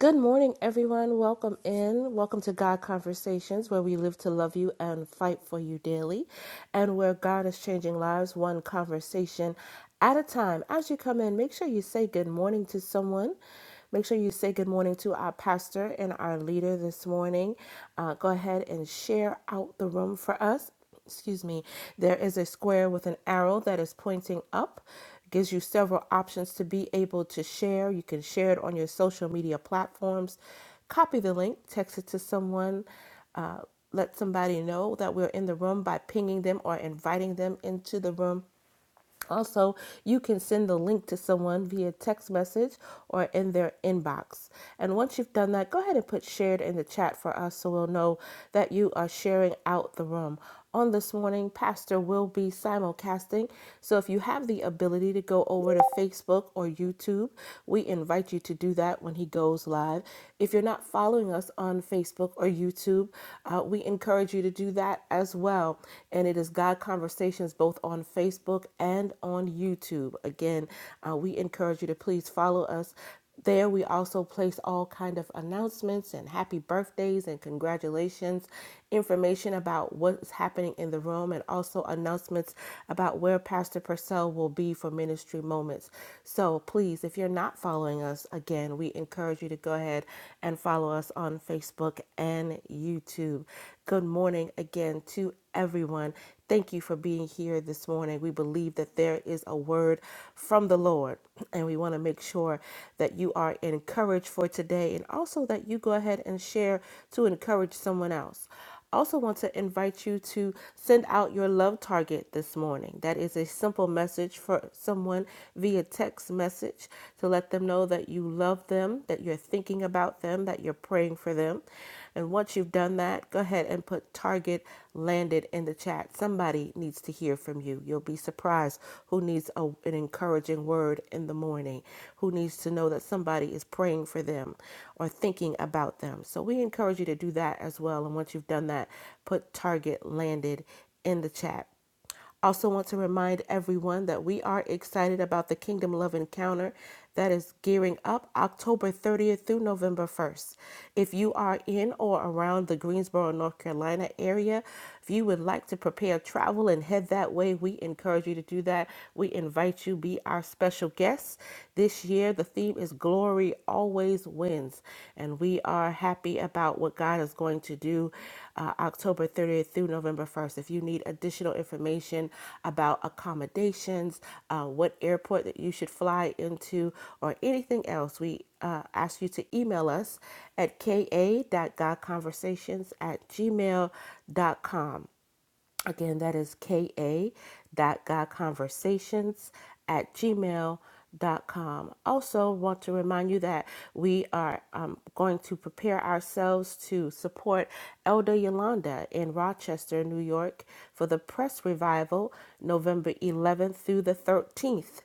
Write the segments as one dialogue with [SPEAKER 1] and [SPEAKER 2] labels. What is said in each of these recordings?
[SPEAKER 1] Good morning, everyone. Welcome in. Welcome to God Conversations, where we live to love you and fight for you daily, and where God is changing lives one conversation at a time. As you come in, make sure you say good morning to someone. Make sure you say good morning to our pastor and our leader this morning. Uh, go ahead and share out the room for us excuse me, there is a square with an arrow that is pointing up. It Gives you several options to be able to share. You can share it on your social media platforms. Copy the link, text it to someone, uh, let somebody know that we're in the room by pinging them or inviting them into the room. Also, you can send the link to someone via text message or in their inbox. And once you've done that, go ahead and put shared in the chat for us so we'll know that you are sharing out the room. On this morning, Pastor will be simulcasting. So if you have the ability to go over to Facebook or YouTube, we invite you to do that when he goes live. If you're not following us on Facebook or YouTube, uh, we encourage you to do that that as well. And it is God Conversations both on Facebook and on YouTube. Again, uh, we encourage you to please follow us. There we also place all kind of announcements and happy birthdays and congratulations, information about what's happening in the room and also announcements about where Pastor Purcell will be for ministry moments. So please, if you're not following us, again, we encourage you to go ahead and and follow us on Facebook and YouTube. Good morning again to everyone. Thank you for being here this morning. We believe that there is a word from the Lord, and we want to make sure that you are encouraged for today and also that you go ahead and share to encourage someone else. I Also, want to invite you to send out your love target this morning. That is a simple message for someone via text message to let them know that you love them, that you're thinking about them, that you're praying for them. And once you've done that, go ahead and put target landed landed in the chat. Somebody needs to hear from you. You'll be surprised who needs a, an encouraging word in the morning, who needs to know that somebody is praying for them or thinking about them. So we encourage you to do that as well. And once you've done that, put target landed in the chat. Also, want to remind everyone that we are excited about the Kingdom Love Encounter that is gearing up October 30th through November 1st. If you are in or around the Greensboro, North Carolina area, if you would like to prepare travel and head that way, we encourage you to do that. We invite you to be our special guest. This year the theme is glory All always wins. And we are happy about what God is going to do uh, October 30th through November 1st. If you need additional information about accommodations, uh, what airport that you should fly into, or anything else, we uh, ask you to email us at ka.godconversations at gmail.com. Again, that is ka dot godconversations at gmail dot com. Also, want to remind you that we are um, going to prepare ourselves to support Elder Yolanda in Rochester, New York for the press revival November 11th through the 13th.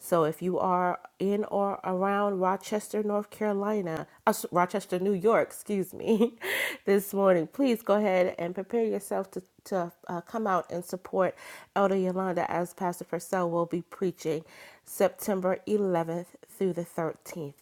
[SPEAKER 1] So if you are in or around Rochester, North Carolina, uh, Rochester, New York, excuse me, this morning, please go ahead and prepare yourself to, to uh, come out and support Elder Yolanda as Pastor Purcell will be preaching September 11th through the 13th.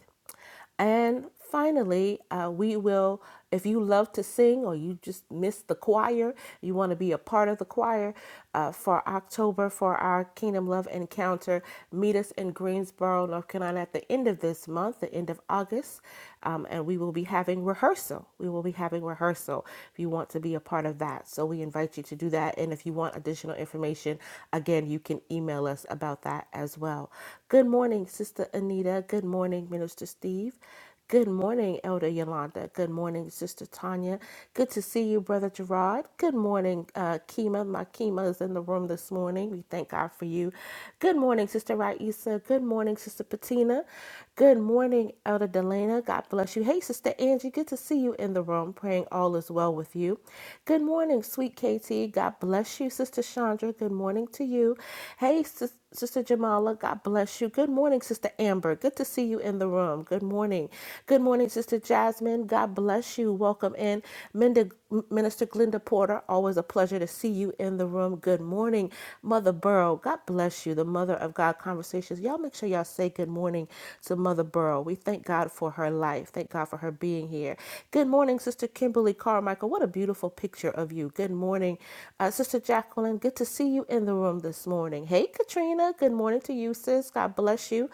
[SPEAKER 1] And finally, uh, we will, if you love to sing or you just miss the choir, you want to be a part of the choir uh, for October for our Kingdom Love Encounter, meet us in Greensboro, North Carolina at the end of this month, the end of August, um, and we will be having rehearsal. We will be having rehearsal if you want to be a part of that. So we invite you to do that. And if you want additional information, again, you can email us about that as well. Good morning, Sister. Sister Anita. Good morning, Minister Steve. Good morning, Elder Yolanda. Good morning, Sister Tanya. Good to see you, Brother Gerard. Good morning, uh, Kima. My Kima is in the room this morning. We thank God for you. Good morning, Sister Raisa. Good morning, Sister Patina. Good morning, Elder Delana. God bless you. Hey, Sister Angie, good to see you in the room. Praying all is well with you. Good morning, sweet KT. God bless you, Sister Chandra. Good morning to you. Hey, Sis- Sister Jamala. God bless you. Good morning, Sister Amber. Good to see you in the room. Good morning. Good morning, Sister Jasmine. God bless you. Welcome in. Minda Minister Glenda Porter, always a pleasure to see you in the room. Good morning, Mother Burrow. God bless you, the Mother of God Conversations. Y'all make sure y'all say good morning to Mother Burrow. We thank God for her life. Thank God for her being here. Good morning, Sister Kimberly Carmichael. What a beautiful picture of you. Good morning, uh, Sister Jacqueline. Good to see you in the room this morning. Hey, Katrina. Good morning to you, sis. God bless you.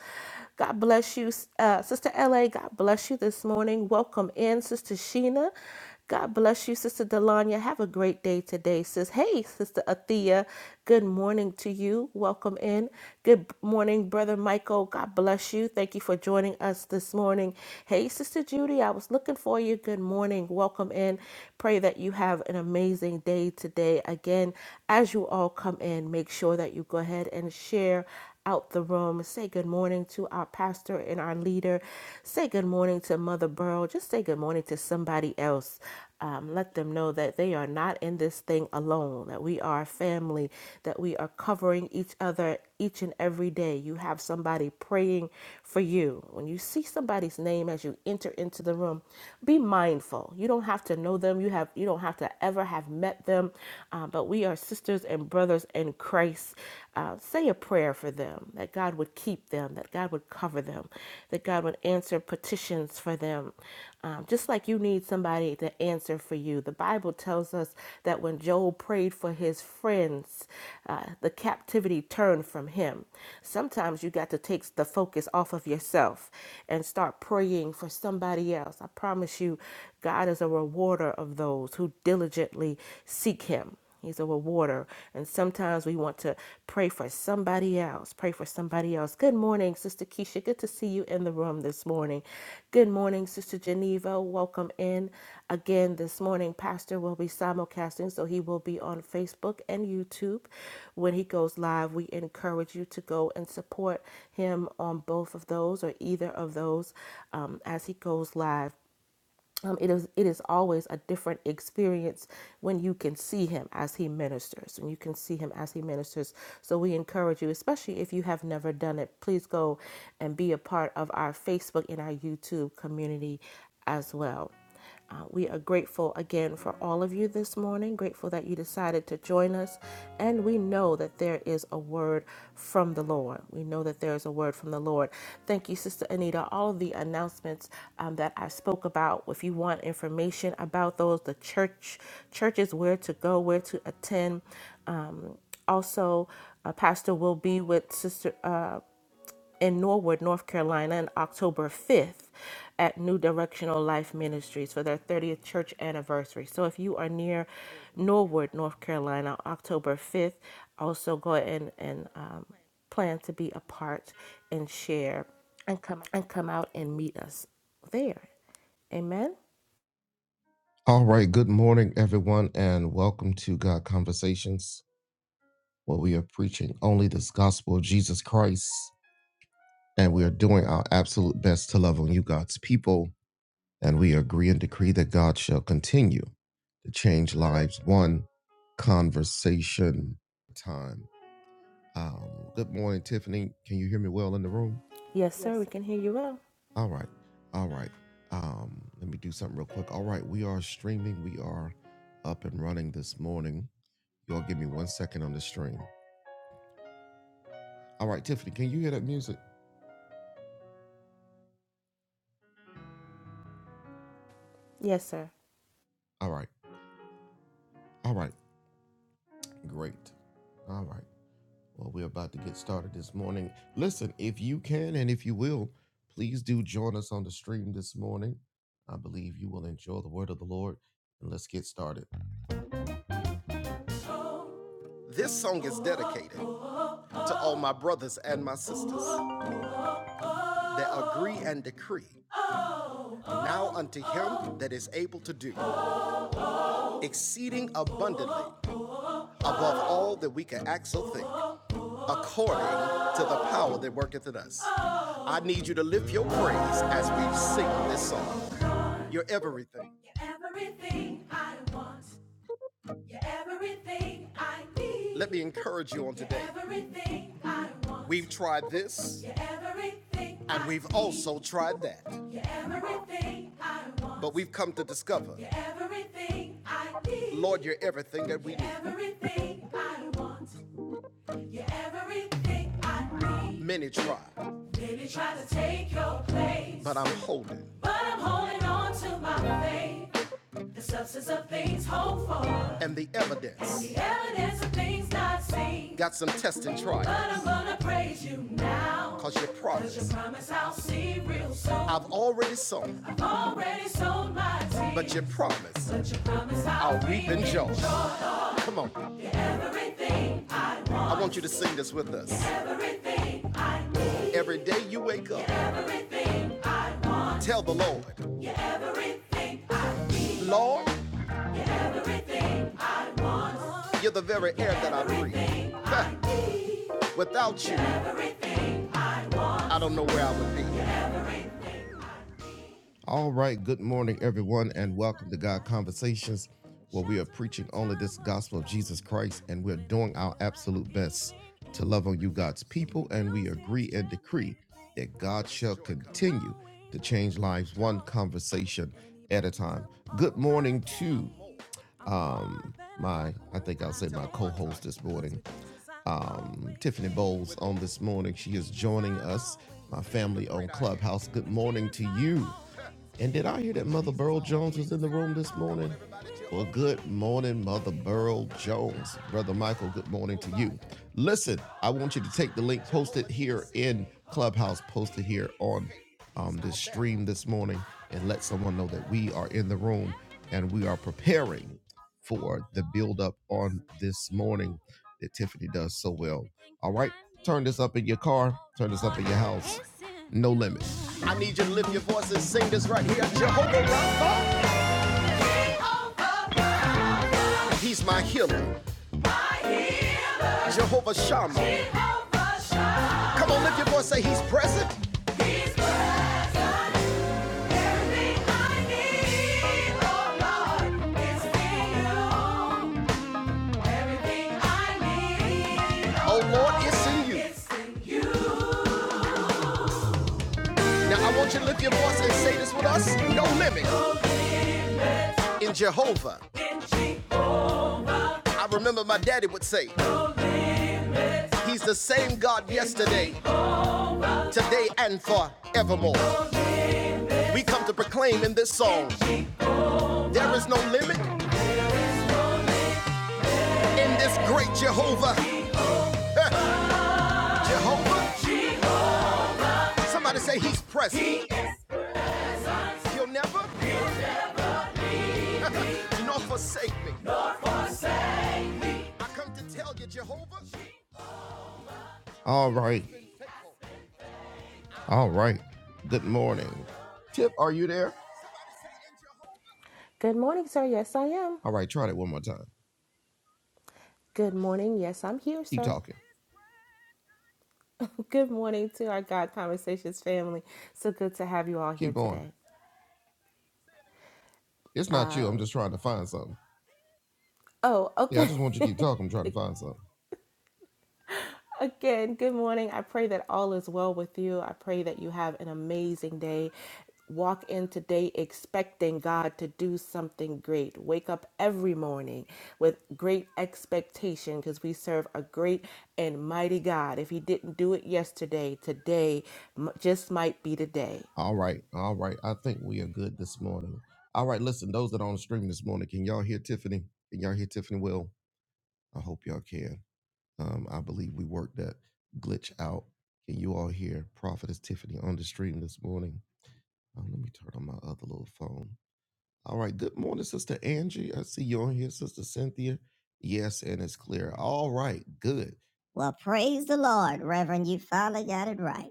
[SPEAKER 1] God bless you, uh, Sister LA. God bless you this morning. Welcome in, Sister Sheena. God bless you, Sister Delanya. Have a great day today, sis. Hey, Sister Athea. Good morning to you. Welcome in. Good morning, Brother Michael. God bless you. Thank you for joining us this morning. Hey, Sister Judy. I was looking for you. Good morning. Welcome in. Pray that you have an amazing day today. Again, as you all come in, make sure that you go ahead and share out the room. Say good morning to our pastor and our leader. Say good morning to Mother Burl. Just say good morning to somebody else. Um, let them know that they are not in this thing alone, that we are a family, that we are covering each other each and every day. You have somebody praying for you. When you see somebody's name as you enter into the room, be mindful. You don't have to know them. You have you don't have to ever have met them, uh, but we are sisters and and brothers in Christ, uh, say a prayer for them that God would keep them, that God would cover them, that God would answer petitions for them. Um, just like you need somebody to answer for you. The Bible tells us that when Job prayed for his friends, uh, the captivity turned from him. Sometimes you got to take the focus off of yourself and start praying for somebody else. I promise you, God is a rewarder of those who diligently seek him. He's a rewarder. And sometimes we want to pray for somebody else. Pray for somebody else. Good morning, Sister Keisha. Good to see you in the room this morning. Good morning, Sister Geneva. Welcome in again this morning. Pastor will be simulcasting, so he will be on Facebook and YouTube when he goes live. We encourage you to go and support him on both of those or either of those um, as he goes live um, it is it is always a different experience when you can see him as he ministers when you can see him as he ministers so we encourage you especially if you have never done it please go and be a part of our facebook and our youtube community as well uh, we are grateful again for all of you this morning, grateful that you decided to join us. And we know that there is a word from the Lord. We know that there is a word from the Lord. Thank you, Sister Anita. All of the announcements um, that I spoke about, if you want information about those, the church, churches, where to go, where to attend. Um, also, uh, Pastor will be with Sister. uh, in Norwood, North Carolina, on October 5th at New Directional Life Ministries for their 30th church anniversary. So if you are near Norwood, North Carolina, October 5th, also go ahead and, and um, plan to be a part and share and come out and meet us there. Amen. Yes, sir. We can hear you well. Yes, sir.
[SPEAKER 2] You're everything I want. You're everything I need. Everything I want. You're everything. You're everything I want. You're everything I need. Everything I want. You're everything I need. Baby, try to take your place, but I'm holding on to my faith. The substance of things hoped for. The evidence of things not seen. But I'm gonna praise you now. Promise I'll see real soon. Already sold my team, but you promised I'll everything, everything. We over here, we over shot. He's present. Everything I need, oh Lord, is in you. Everything I need is in you.
[SPEAKER 1] Good morning, sir. Yes, I am. Good morning. Yes, I'm here, sir. Good morning to our God Conversations family. So good to have you all here today. Oh, okay. Again, good morning. I pray that all is well with you. I pray that you have an amazing day. Walk in today expecting God to do something great. Wake up every morning with great expectation because we serve a great and mighty God. If He didn't do it yesterday, today m- just might be the day.
[SPEAKER 2] Well, praise the Lord, Reverend. You finally got it right.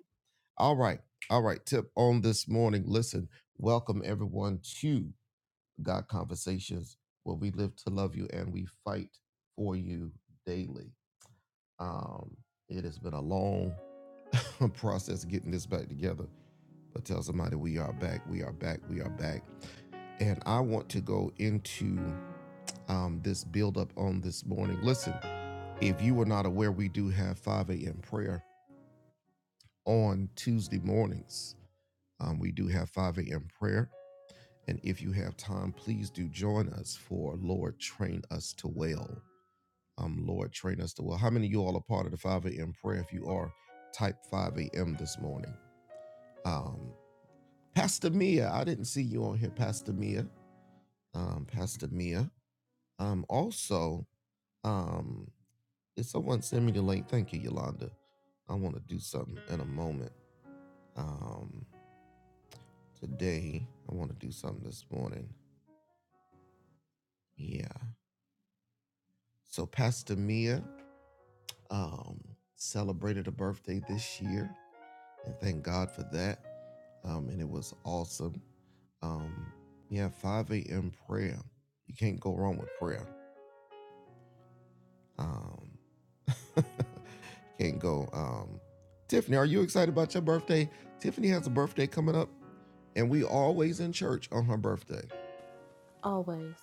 [SPEAKER 1] Always.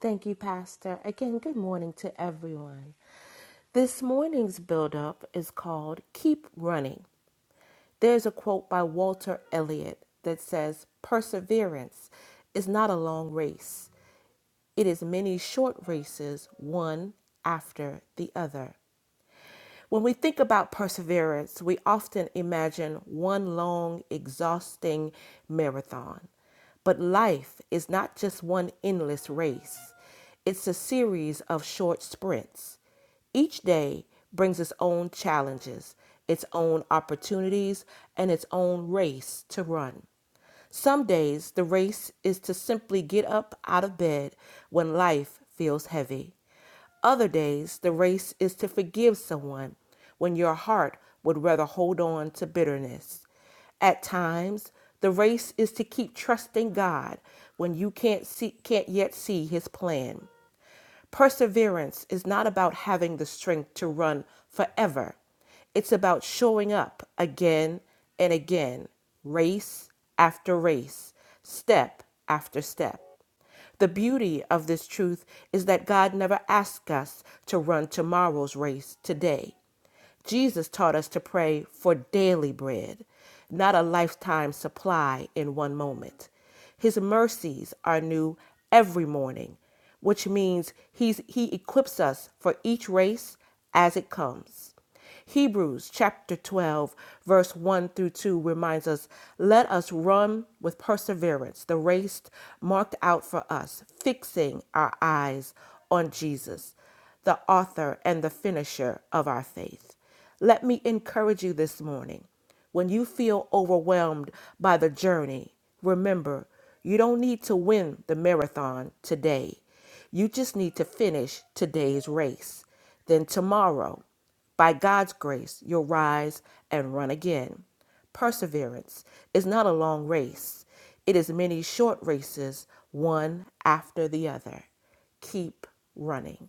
[SPEAKER 1] Thank you, Pastor. Again, good morning to everyone. This morning's buildup is called Keep Running. There's a quote by Walter Elliott that says, Perseverance is not a long race, it is many short races, one after the other. When we think about perseverance, we often imagine one long, exhausting marathon. But life is not just one endless race, it's a series of short sprints. Each day brings its own challenges, its own opportunities, and its own race to run. Some days the race is to simply get up out of bed when life feels heavy. Other days the race is to forgive someone when your heart would rather hold on to bitterness. At times, the race is to keep trusting God when you can't see can't yet see his plan. Perseverance is not about having the strength to run forever. It's about showing up again and again, race after race, step after step. The beauty of this truth is that God never asks us to run tomorrow's race today. Jesus taught us to pray for daily bread, not a lifetime supply in one moment. His mercies are new every morning, which means he's, he equips us for each race as it comes. Hebrews chapter 12, verse 1 through 2 reminds us let us run with perseverance the race marked out for us, fixing our eyes on Jesus the author and the finisher of our faith. Let me encourage you this morning. When you feel overwhelmed by the journey, remember you don't need to win the marathon today. You just need to finish today's race. Then tomorrow, by God's grace, you'll rise and run again. Perseverance is not a long race, it is many short races, one after the other. Keep running.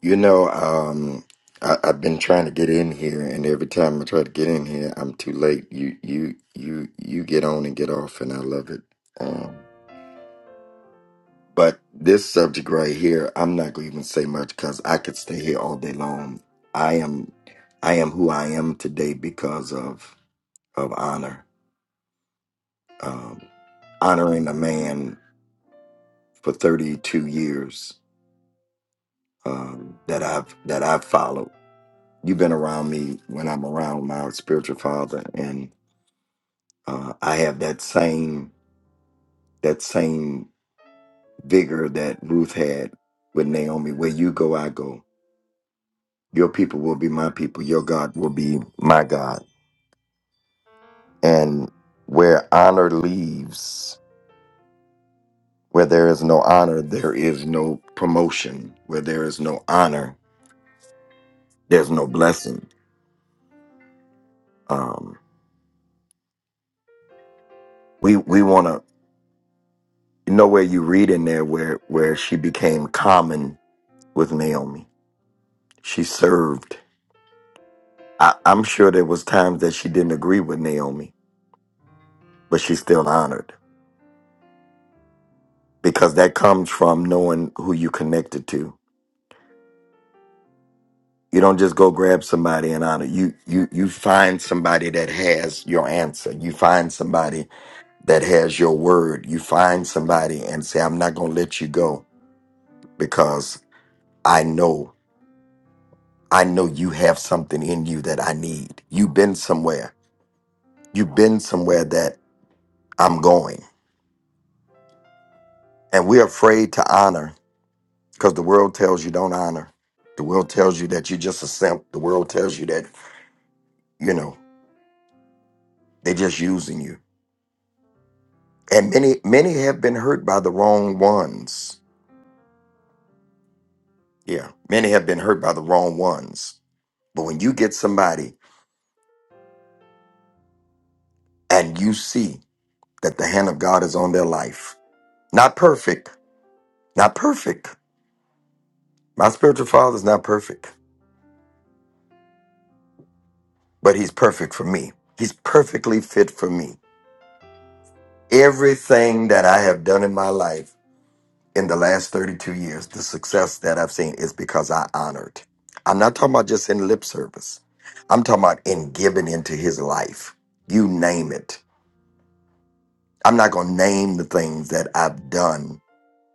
[SPEAKER 3] You know, um, I, I've been trying to get in here, and every time I try to get in here, I'm too late. You, you, you, you get on and get off, and I love it. Um, but this subject right here, I'm not going to even say much because I could stay here all day long. I am, I am who I am today because of of honor, um, honoring a man for 32 years um, that I've that I've followed. you've been around me when I'm around my spiritual father, and uh, I have that same that same vigor that Ruth had with Naomi. Where you go, I go. Your people will be my people. Your God will be my God. And where honor leaves, where there is no honor, there is no promotion. Where there is no honor, there's no blessing. Um, we we want to you know where you read in there where where she became common with Naomi She served. I, I'm sure there was times that she didn't agree with Naomi, but she's still honored because that comes from knowing who you connected to. You don't just go grab somebody and honor. You you you find somebody that has your answer. You find somebody that has your word. You find somebody and say, I'm not gonna let you go because I know I know you have something in you that I need. You've been somewhere. You've been somewhere that I'm going. And we're afraid to honor because the world tells you don't honor. The world tells you that you're just a simp. The world tells you that, you know, they're just using you. And many, many have been hurt by the wrong ones. Yeah, many have been hurt by the wrong ones. But when you get somebody and you see that the hand of God is on their life, not perfect, not perfect. My spiritual father's not perfect, but he's perfect for me. He's perfectly fit for me. Everything that I have done in my life in the last 32 years, the success that I've seen is because I honored. I'm not talking about just in lip service. I'm talking about in giving into his life. You name it. I'm not going to name the things that I've done.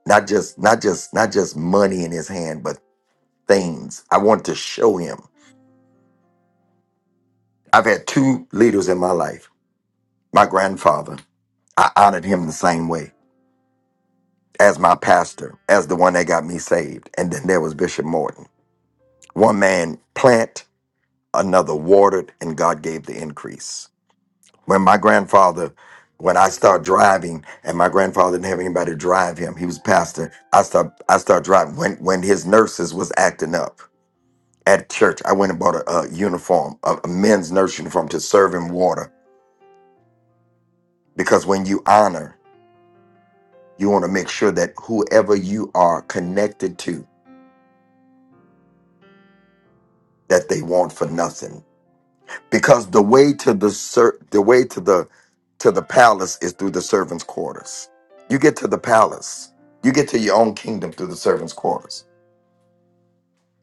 [SPEAKER 3] Not just not just not just money in his hand, but things. I want to show him. I've had two leaders in my life. My grandfather, I honored him the same way as my pastor, as the one that got me saved. And then there was Bishop Morton. One man plant, another watered, and God gave the increase. When my grandfather, when I start driving, and my grandfather didn't have anybody to drive him, he was pastor. I start I start driving when when his nurses was acting up at church. I went and bought a, a uniform, a, a men's nurse uniform to serve him water because when you honor, you want to make sure that whoever you are connected to, that they want for nothing because the way to the ser- the way to the to the palace is through the servants' quarters. You get to the palace. You get to your own kingdom through the servants' quarters.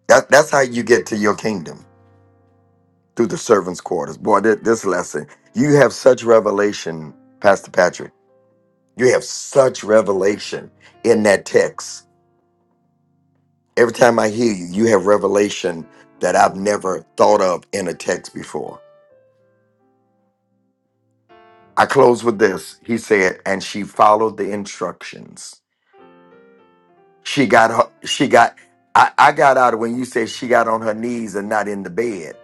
[SPEAKER 3] That that's how you get to your kingdom through the servants' quarters. Boy, thi- this lesson you have such revelation, Pastor Patrick. You have such revelation in that text. Every time I hear you, you have revelation that I've never thought of in a text before. I close with this. He said, and she followed the instructions. She got her, she got, I, I got out of when you said she got on her knees and not in the bed.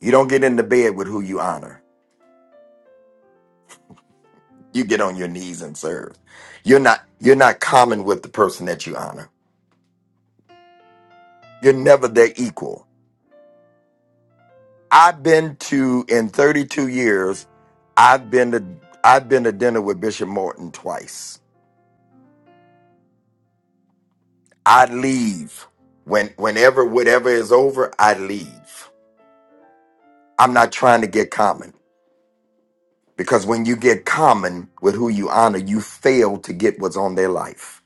[SPEAKER 3] You don't get in the bed with who you honor. You get on your knees and serve. You're not, you're not common with the person that you honor. You're never their equal. I've been to, in 32 years, I've been to, I've been to dinner with Bishop Morton twice. I leave when, whenever, whatever is over, I leave. I'm not trying to get common. Because when you get common with who you honor, you fail to get what's on their life.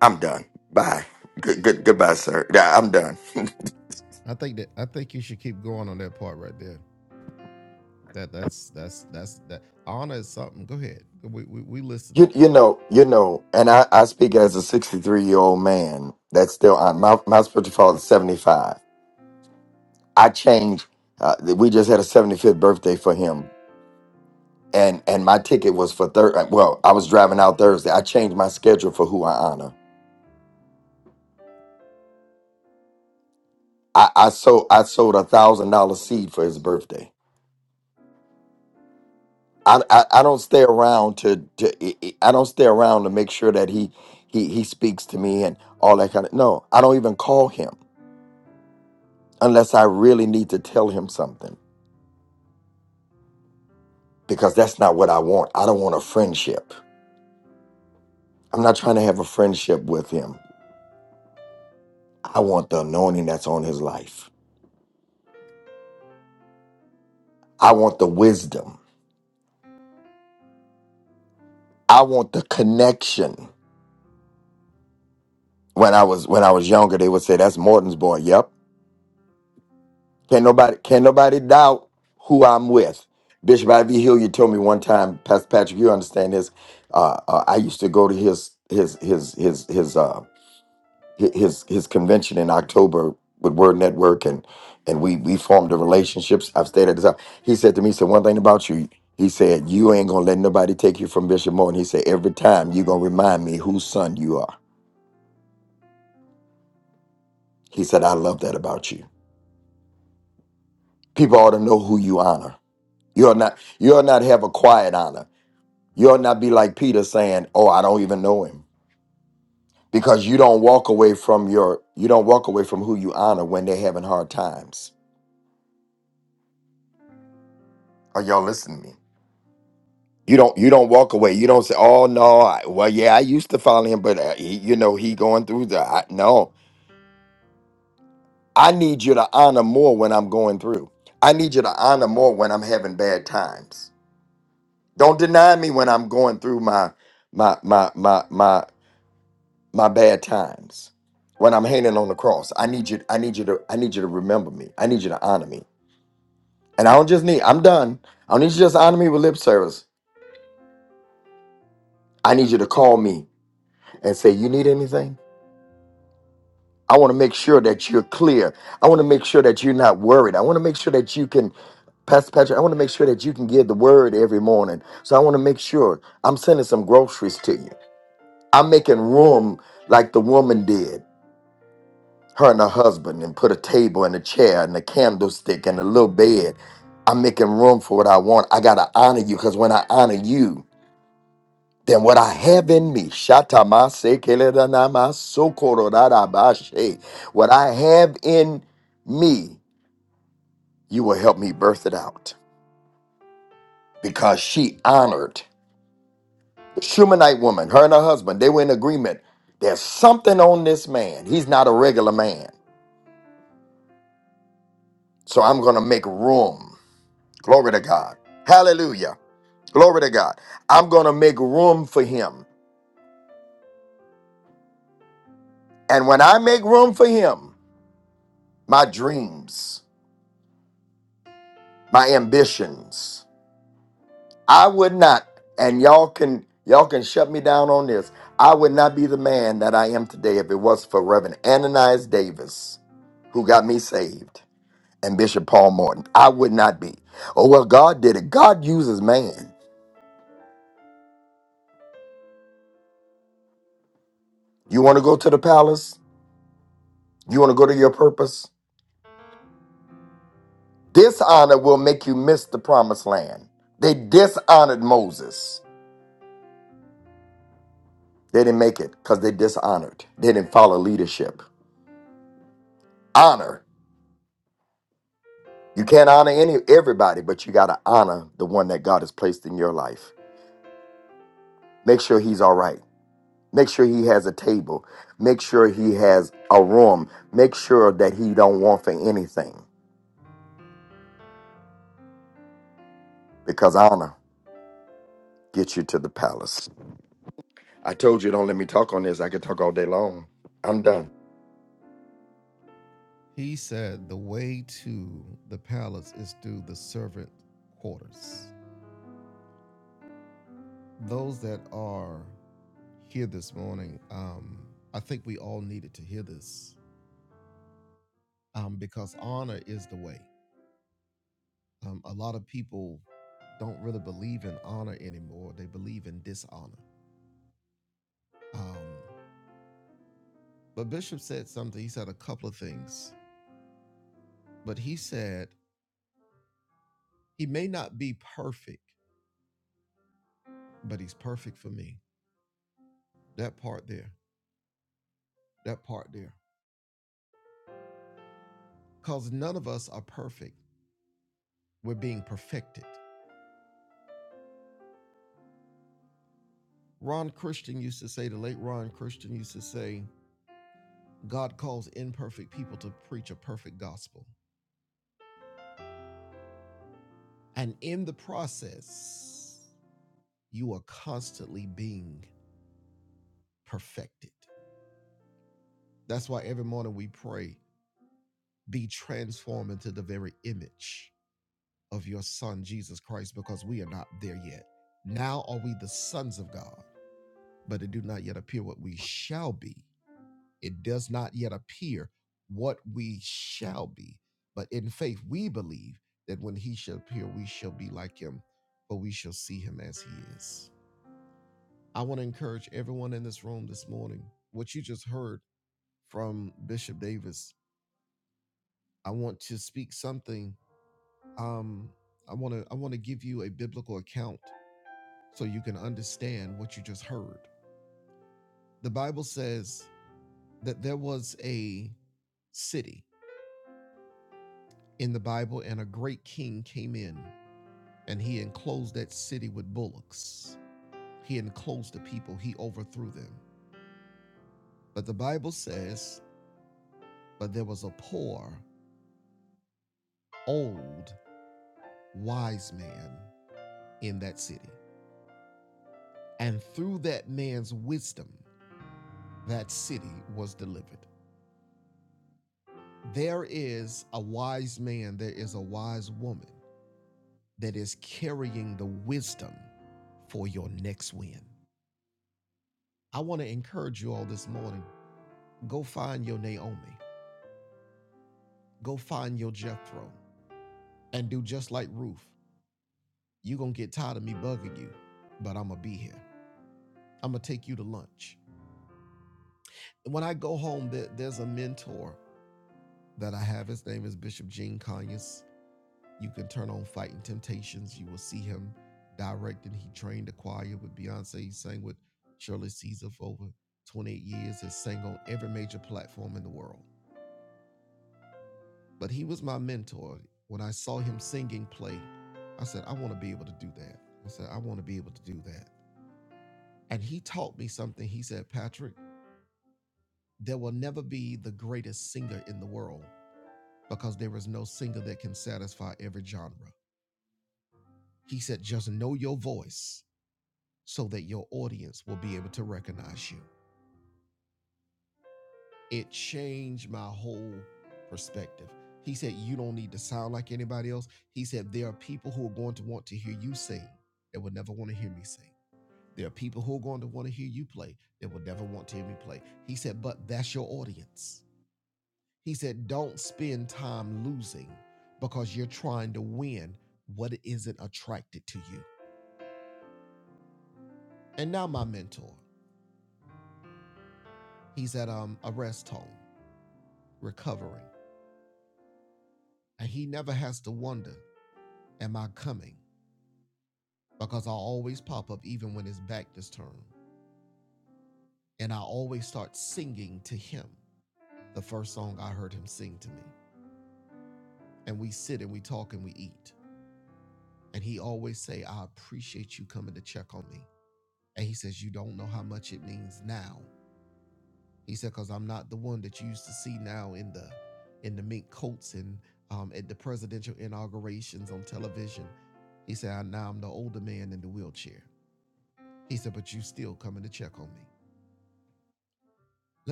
[SPEAKER 3] I'm done. Bye. Good, good, goodbye, sir. Yeah, I'm done. You, you know, you know, and I, I speak as a 63 year old man that's still on. My, my spiritual father is 75. I changed, uh, we just had a 75th birthday for him. And, and my ticket was for third. Well, I was driving out Thursday. I changed my schedule for who I honor. I, I sold I sold a thousand dollar seed for his birthday. I, I, I don't stay around to, to I I- I don't stay around to make sure that he he he speaks to me and all that kind of no I don't even call him unless I really need to tell him something because that's not what I want I don't want a friendship I'm not trying to have a friendship with him I want the anointing that's on his life I want the wisdom I want the connection when I was when I was younger they would say that's Morton's boy yep Can nobody can nobody doubt who I'm with? Bishop Ivy Hill, you told me one time, Pastor Patrick, you understand this. Uh, uh, I used to go to his his his his his uh hi- his his convention in October with Word Network, and and we we formed the relationships. I've stayed at his house. He said to me, he said one thing about you. He said you ain't gonna let nobody take you from Bishop Moore. And he said every time you gonna remind me whose son you are. He said I love that about you. People ought to know who you honor. You are not you are not have a quiet honor. You will not be like Peter saying, "Oh, I don't even know him," because you don't walk away from your you don't walk away from who you honor when they're having hard times. Are y'all listening to me? You don't you don't walk away. You don't say, "Oh no, I, well yeah, I used to follow him, but uh, he, you know he going through the I, no." I need you to honor more when I'm going through. I need you to honor more when I'm having bad times. Don't deny me when I'm going through my my my my my my bad times when I'm hanging on the cross. I need you. I need you to. I need you to remember me. I need you to honor me. And I don't just need. I'm done. I don't need you to just honor me with lip service. I need you to call me and say you need anything. I want to make sure that you're clear. I want to make sure that you're not worried. I want to make sure that you can, Pastor Patrick. I want to make sure that you can give the word every morning. So I want to make sure I'm sending some groceries to you. I'm making room like the woman did. her and her husband and put a table and a chair and a candlestick and a little bed. I'm making room for what I want. I gotta honor you because when I honor you, then what I have in me, shatamase keledanama sokorodadabashe, what I have in me, you will help me birth it out. Because she honored the Shumanite woman, her and her husband, they were in agreement. There's something on this man. He's not a regular man. So I'm gonna make room. Glory to God. Hallelujah. Glory to God. I'm going to make room for him. And when I make room for him, my dreams, my ambitions, I would not and y'all can y'all can shut me down on this. I would not be the man that I am today if it wasn't for Reverend Ananias Davis who got me saved and Bishop Paul Morton. I would not be. Oh well, God did it. God uses man. You want to go to the palace? You want to go to your purpose? Dishonor will make you miss the promised land. They dishonored Moses. They didn't make it because they dishonored. They didn't follow leadership. Honor. You can't honor any everybody, but you gotta honor the one that God has placed in your life. Make sure he's all right. Make sure he has a table. Make sure he has a room. Make sure that he don't want for anything. Because honor gets you to the palace. I told you don't let me talk on this. I could talk all day long. I'm done.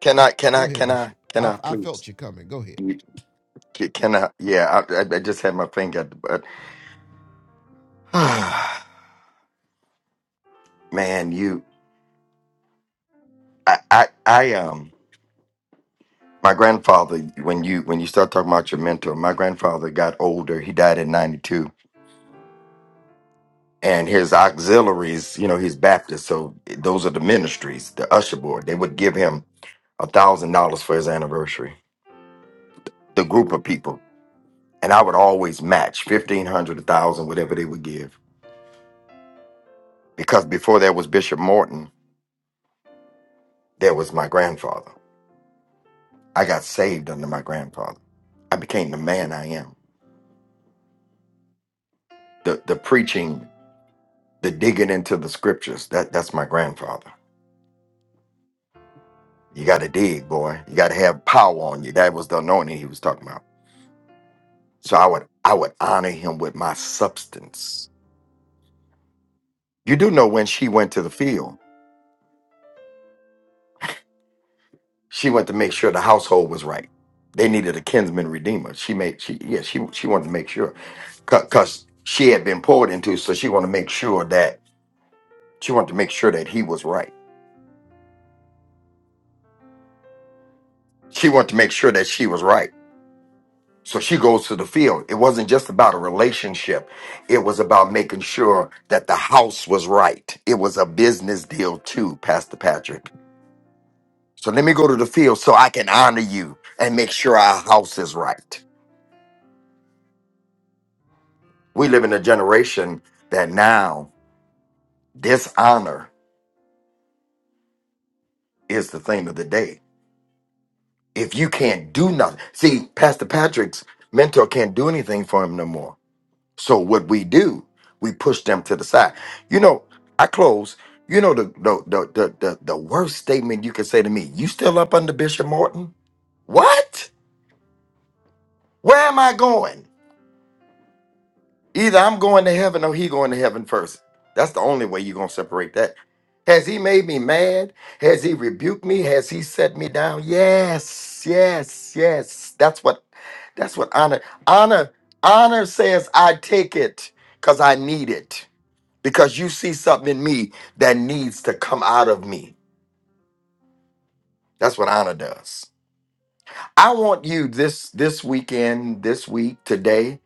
[SPEAKER 3] Can I can I can I can I please? You c- can I? Yeah, I, I I just had my finger at the butt. Man, you, I, I, I, um, my grandfather. When you when you start talking about your mentor, my grandfather got older. He died at ninety two, and his auxiliaries, you know, he's Baptist, so those are the ministries, the usher board. They would give him a thousand dollars for his anniversary. The group of people, and I would always match fifteen hundred, a thousand, whatever they would give, because before there was Bishop Morton, there was my grandfather I got saved under my grandfather. I became the man I am. The the preaching, the digging into the scriptures, that that's my grandfather. You gotta dig, boy. You gotta have power on you. That was the anointing he was talking about. So I would I would honor him with my substance. You do know when she went to the field, she went to make sure the household was right. They needed a kinsman redeemer. She made she yeah, she she wanted to make sure. Cause 'cause she had been poured into, so she wanted to make sure that she wanted to make sure that he was right she wanted to make sure that she was right. So she goes to the field. It wasn't just about a relationship. It was about making sure that the house was right. It was a business deal too, Pastor Patrick. So let me go to the field so I can honor you and make sure our house is right. We live in a generation that now dishonor is the thing of the day. If you can't do nothing, see, Pastor Patrick's mentor can't do anything for him no more So what we do, we push them to the side. You know, I close. You know the the the the the, the worst statement you can say to me. You still up under Bishop Morton? What? Where am I going? Either I'm going to heaven or he going to heaven first. That's the only way you're gonna separate that. Has he made me mad? Has he rebuked me? Has he set me down? Yes, yes, yes. That's what that's what honor honor honor says I take it because I need it. because you see something in me that needs to come out of me. That's what honor does. I want you this this weekend, this week, today.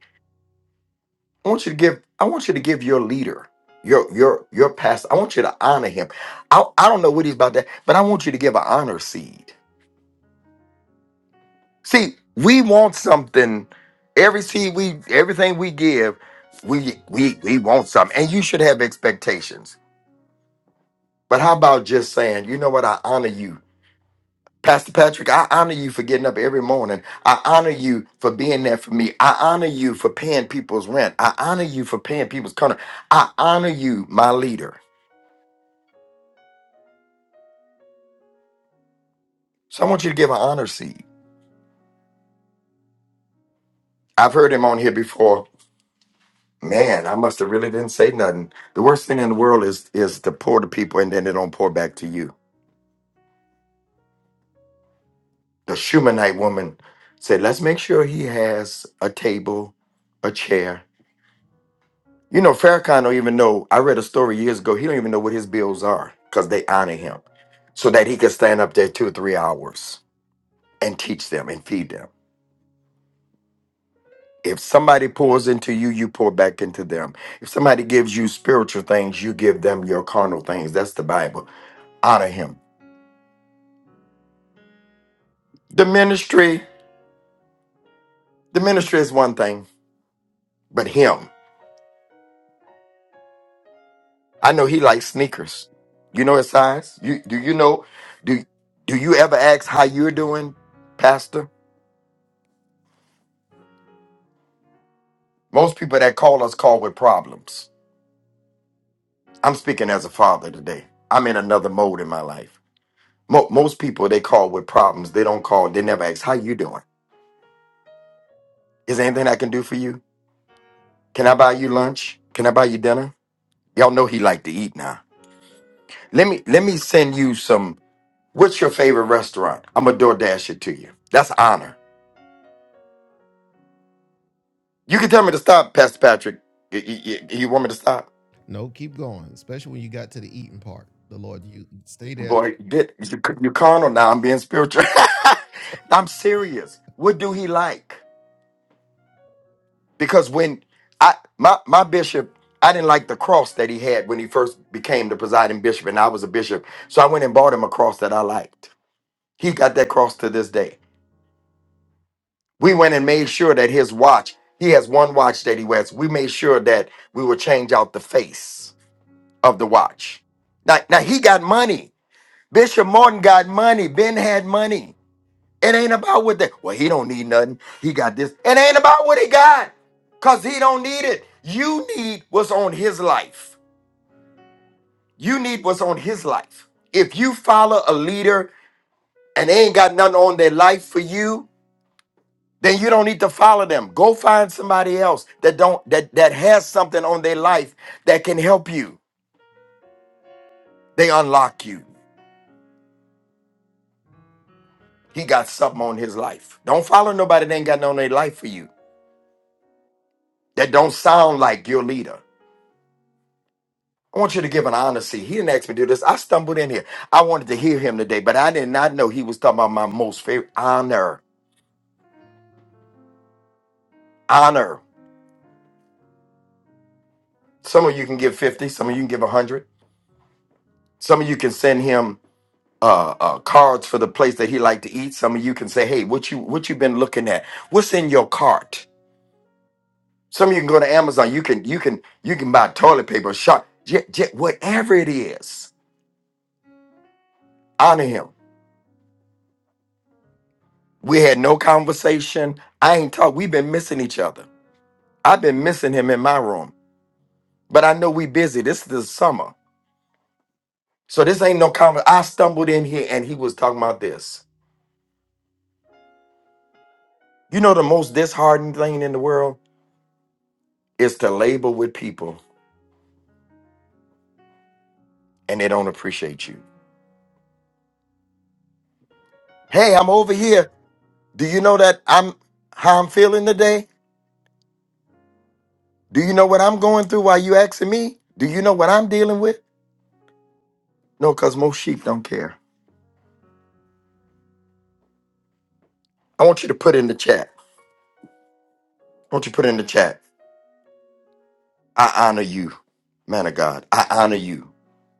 [SPEAKER 3] I want you to give. I want you to give your leader, your your your pastor. I want you to honor him. I I don't know what he's about to, but I want you to give an honor seed. See, we want something. Every seed we, everything we give, we we we want something, and you should have expectations. But how about just saying, you know what? I honor you Pastor Patrick, I honor you for getting up every morning. I honor you for being there for me. I honor you for paying people's rent. I honor you for paying people's contract. I honor you, my leader. So I want you to give an honor seed. I've heard him on here before. Man, I must have really didn't say nothing. The worst thing in the world is is to pour to people and then they don't pour back to you. The Shumanite woman said, "Let's make sure he has a table, a chair, You know, Farrakhan don't even know. I read a story years ago. He don't even know what his bills are because they honor him, so that he can stand up there two or three hours and teach them and feed them. If somebody pours into you, you pour back into them. If somebody gives you spiritual things, you give them your carnal things. That's the Bible. Honor him. The ministry, the ministry is one thing, but him. I know he likes sneakers. You know his size. You do you know? Do do you ever ask how you're doing, Pastor? Most people that call us call with problems. I'm speaking as a father today. I'm in another mode in my life. Mo- most people they call with problems. They don't call. They never ask, "How you doing? Is there anything I can do for you? Can I buy you lunch? Can I buy you dinner?" Y'all know he like to eat now. Let me let me send you some. What's your favorite restaurant? I'm gonna DoorDash it to you. That's honor. You can tell me to stop, Pastor Patrick. Y- y- y- You, want me to stop? Boy, get you you carnal now. I'm being spiritual. I'm serious. What do he like? Because when I my my bishop, I didn't like the cross that he had when he first became the presiding bishop, and I was a bishop. So I went and bought him a cross that I liked. He got that cross to this day. We went and made sure that his watch, he has one watch that he wears. We made sure that we would change out the face of the watch. Now, now he got money. Bishop Morton got money. Ben had money. It ain't about what they well, he don't need nothing. He got this. It ain't about what he got. Cause he don't need it. You need what's on his life. You need what's on his life. If you follow a leader and they ain't got nothing on their life for you, then you don't need to follow them. Go find somebody else that don't that that has something on their life that can help you. They unlock you. He got something on his life. Don't follow nobody that ain't got nothing on their life for you. That don't sound like your leader I want you to give an honesty. He didn't ask me to do this. I stumbled in here. I wanted to hear him today, but I did not know he was talking about my most favorite honor. Honor. Some of you can give 50, some of you can give 100. Some of you can send him uh, uh, cards for the place that he liked to eat. Some of you can say, "Hey, what you what you been looking at? What's in your cart?" Some of you can go to Amazon. You can you can you can buy toilet paper, shot, jet, jet, whatever it is. Honor him. We had no conversation. I ain't talk. We've been missing each other. I've been missing him in my room, but I know we busy. This is the summer. So this ain't no comment. I stumbled in here and he was talking about this. You know, the most disheartening thing in the world is to labor with people and they don't appreciate you. Hey, I'm over here. Do you know that I'm how I'm feeling today? Do you know what I'm going through while you asking me? Do you know what I'm dealing with? No, because most sheep don't care. I want you to put in the chat. I want you to put in the chat. I honor you, man of God. I honor you.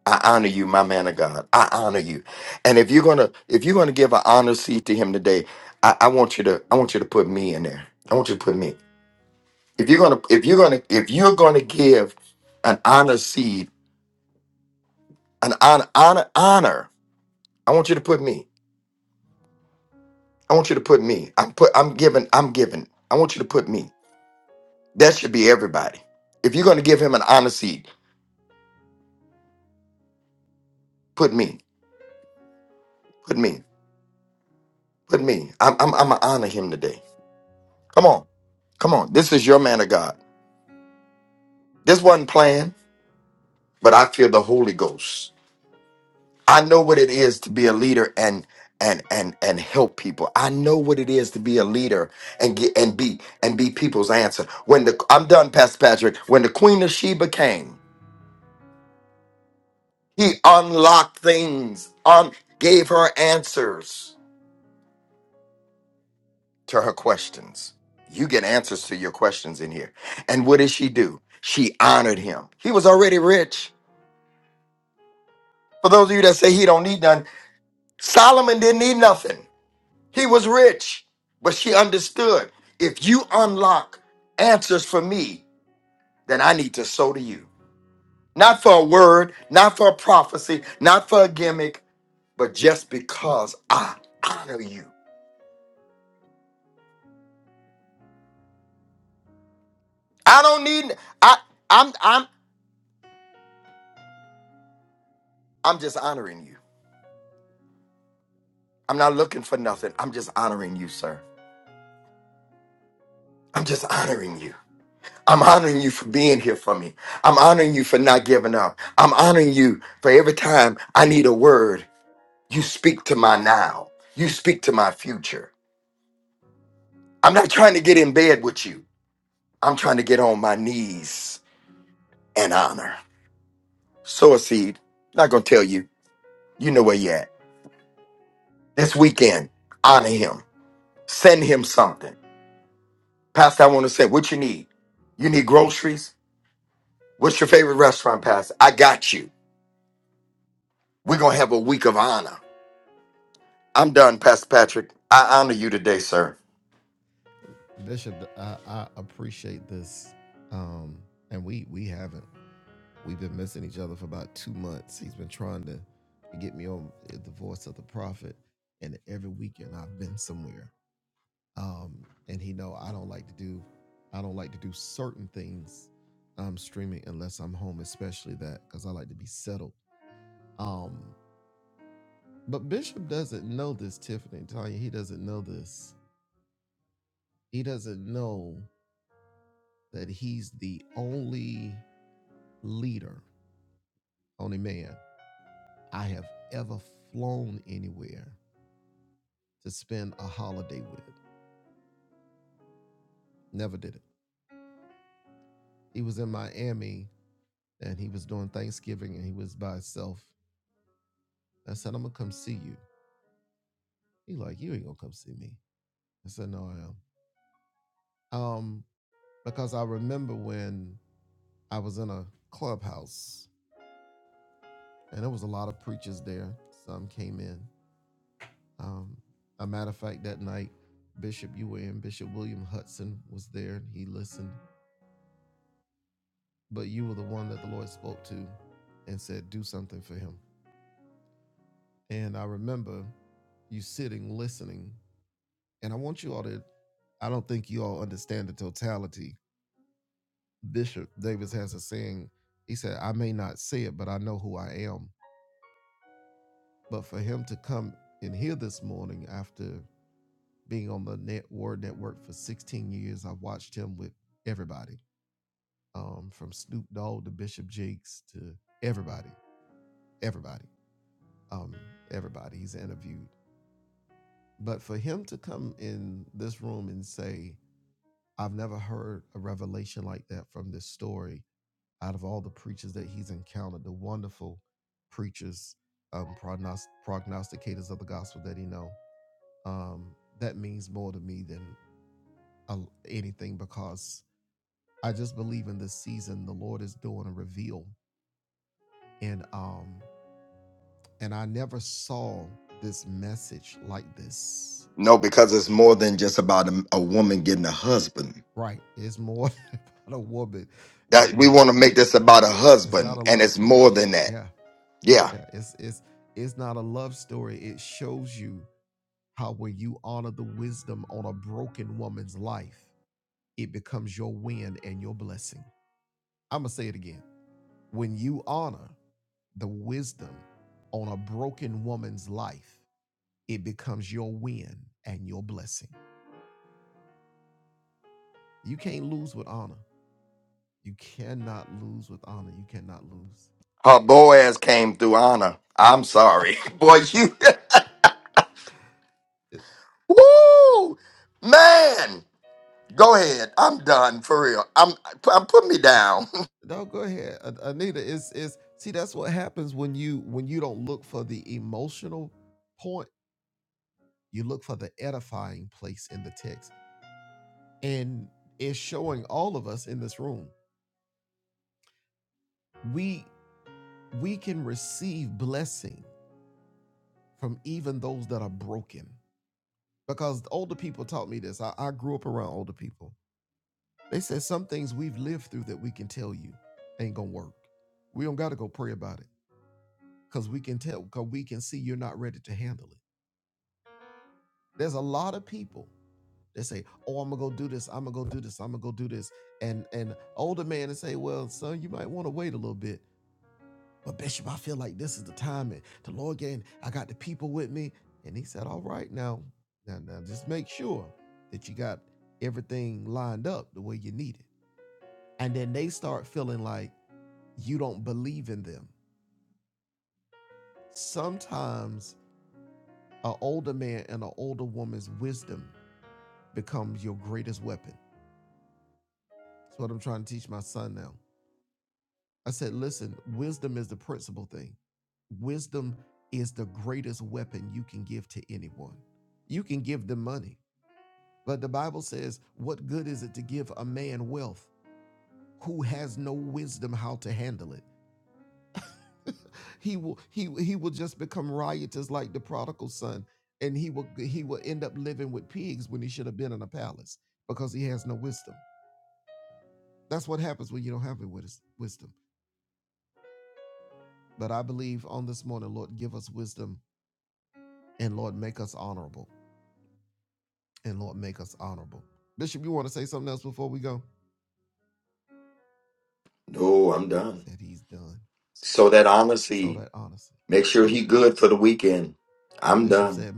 [SPEAKER 3] I honor you, my man of God. I honor you. And if you're gonna if you're gonna give an honor seat to him today, I, I want you to I want you to put me in there. I want you to put me. If you're gonna if you're gonna if you're gonna give an honor seed, an honor honor honor, I want you to put me. I want you to put me. I'm put I'm giving, I'm giving. I want you to put me. That should be everybody. If you're gonna give him an honor seed, put me, put me, put me. I'm I'm I'm gonna honor him today. Come on, come on. This is your man of God. This wasn't planned. but I feel the Holy Ghost. I know what it is to be a leader and and and and help people. I know what it is to be a leader and get and be and be people's answer. When the I'm done, Pastor Patrick. When the Queen of Sheba came, he unlocked things, un, gave her answers to her questions. You get answers to your questions in here. And what did she do? She honored him. He was already rich. For those of you that say he don't need none, Solomon didn't need nothing. He was rich, but she understood if you unlock answers for me, then I need to sow to you. Not for a word, not for a prophecy, not for a gimmick, but just because I honor you. I don't need I I'm I'm I'm just honoring you. I'm not looking for nothing. I'm just honoring you, sir. I'm just honoring you. I'm honoring you for being here for me. I'm honoring you for not giving up. I'm honoring you for every time I need a word You speak to my now. You speak to my future. I'm not trying to get in bed with you. I'm trying to get on my knees and honor. Sow a seed. Not going to tell you. You know where you at. This weekend, honor him. Send him something. Pastor, I want to say what you need. You need groceries? What's your favorite restaurant, Pastor? I got you. We're going to have a week of honor. I'm done, Pastor Patrick. I honor you today, sir. No, because it's more than just about a, a woman getting a husband. That we want to make this about a husband, and it's more than that. Yeah, her Boaz came through honor. I'm sorry, boy. You, woo, man. Go ahead. I'm done for real. I'm, I'm put me down. No, I'm done. So that honor seed. Make sure he good for the weekend. I'm done.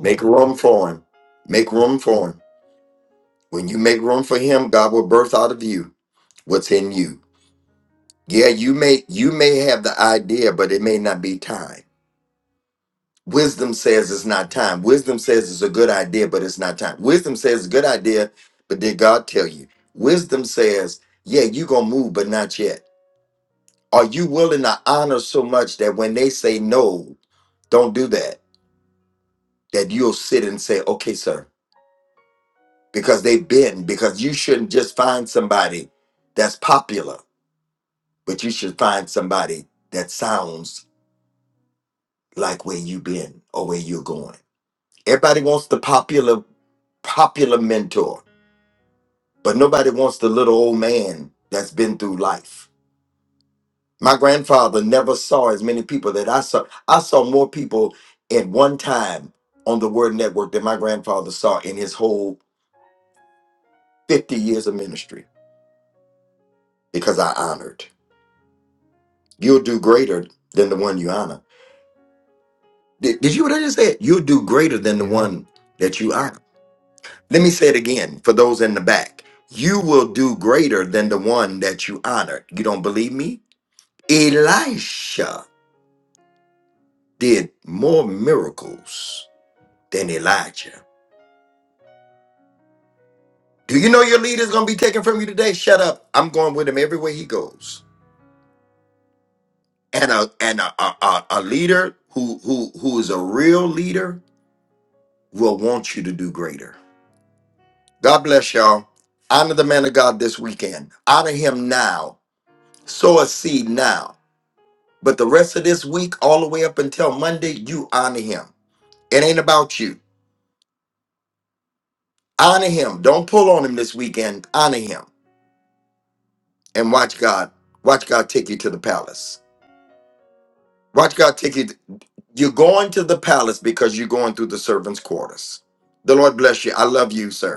[SPEAKER 3] Make room for him. Make room for him. When you make room for him, God will birth out of you what's in you. Yeah, you may you may have the idea, but it may not be time. Wisdom says it's not time. Wisdom says it's a good idea, but it's not time. Wisdom says it's a good idea, but did God tell you? Wisdom says, yeah, you're gonna move, but not yet. Are you willing to honor so much that when they say no, don't do that, that you'll sit and say, okay, sir, because they've been, because you shouldn't just find somebody that's popular, but you should find somebody that sounds like where you been or where you're going. Everybody wants the popular popular mentor, but nobody wants the little old man that's been through life. My grandfather never saw as many people that I saw. I saw more people at one time on the Word Network than my grandfather saw in his whole 50 years of ministry because I honored. You'll do greater than the one you honor. Did, did you hear what I just said? You'll do greater than the one that you honor. Let me say it again for those in the back. You will do greater than the one that you honored. You don't believe me? Elisha did more miracles than Elijah. Do you know your leader's gonna be taken from you today? Shut up. I'm going with him everywhere he goes. And a and a, a, a a leader who who who is a real leader will want you to do greater. God bless y'all. Honor the man of God this weekend. Honor him now. Sow a seed now But the rest of this week, all the way up until Monday, you honor him. It ain't about you. Honor him. Don't pull on him this weekend. Honor him and watch God. Watch God take you to the palace. Watch God take you. You're going to the palace because you're going through the servants' quarters. The Lord bless you. I love you, sir.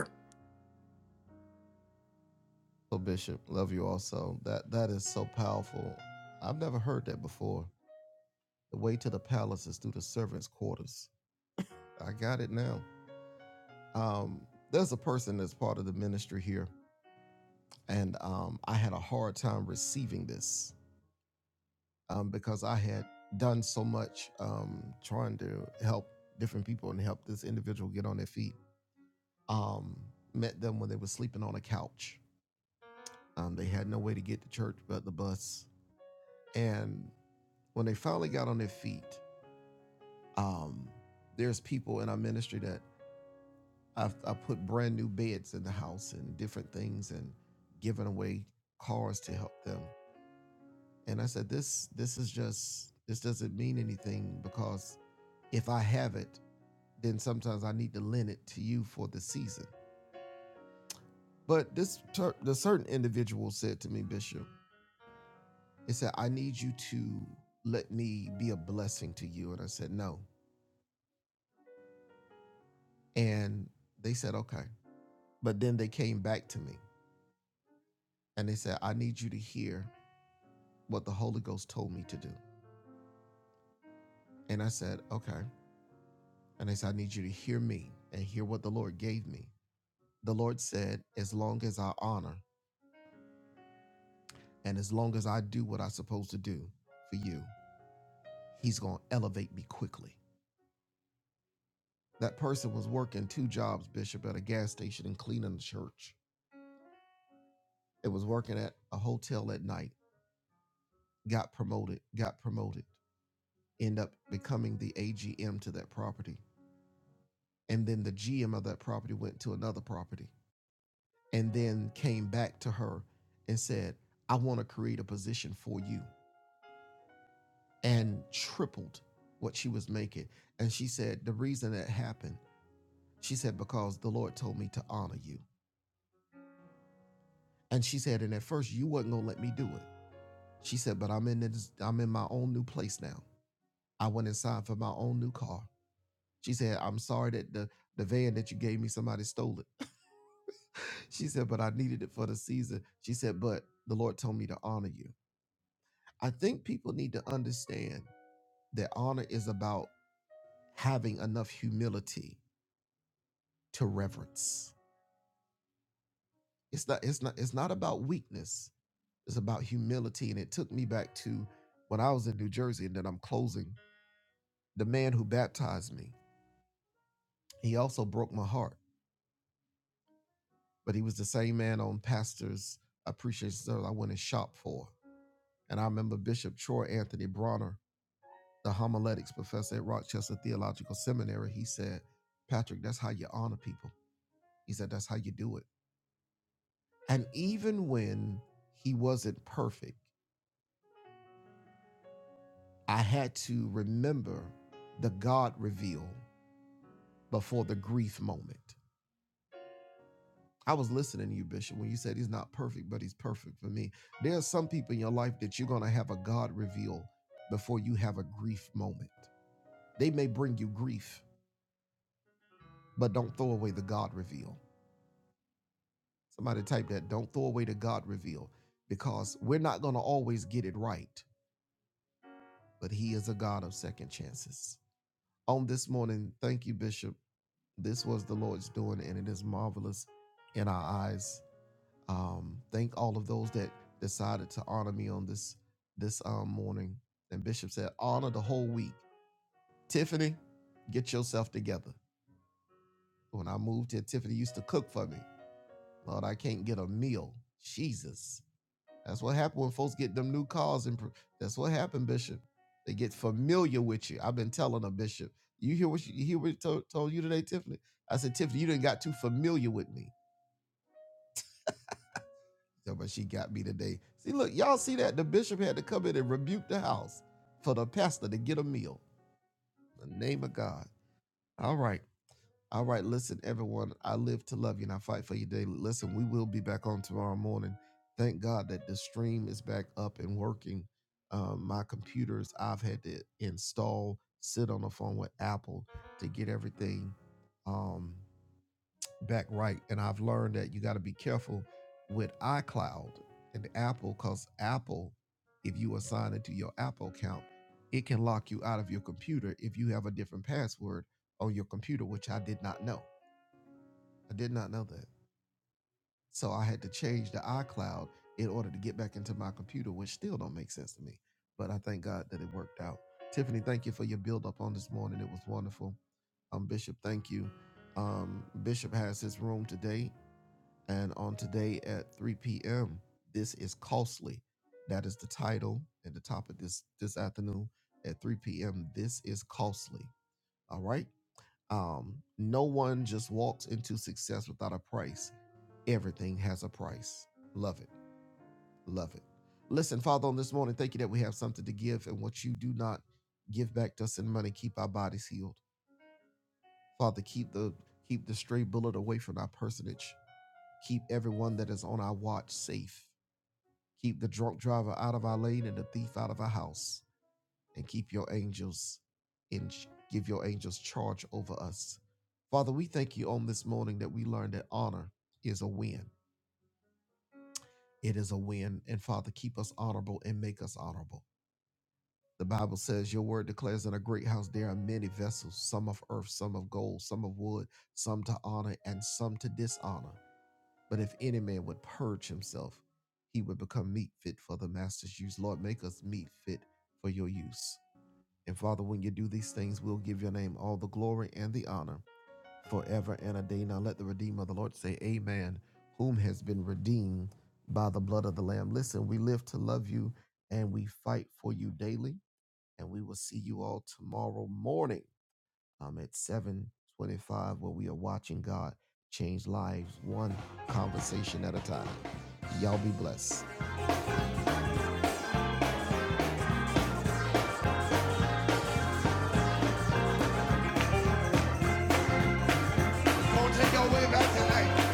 [SPEAKER 2] Come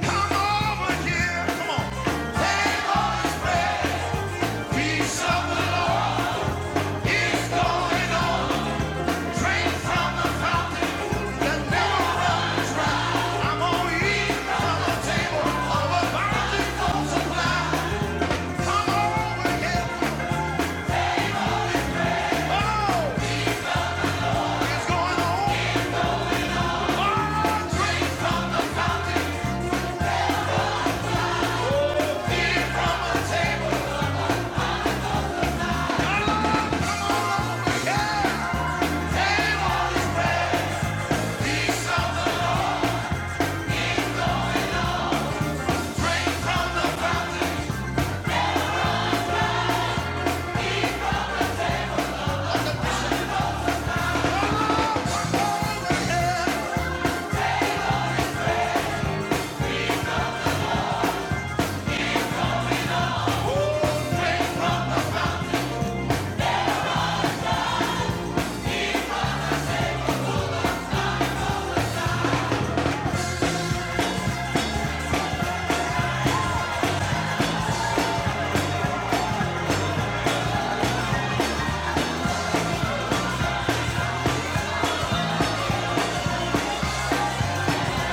[SPEAKER 2] over here, come on. Take a piece of Come on over here. Oh, it's going on.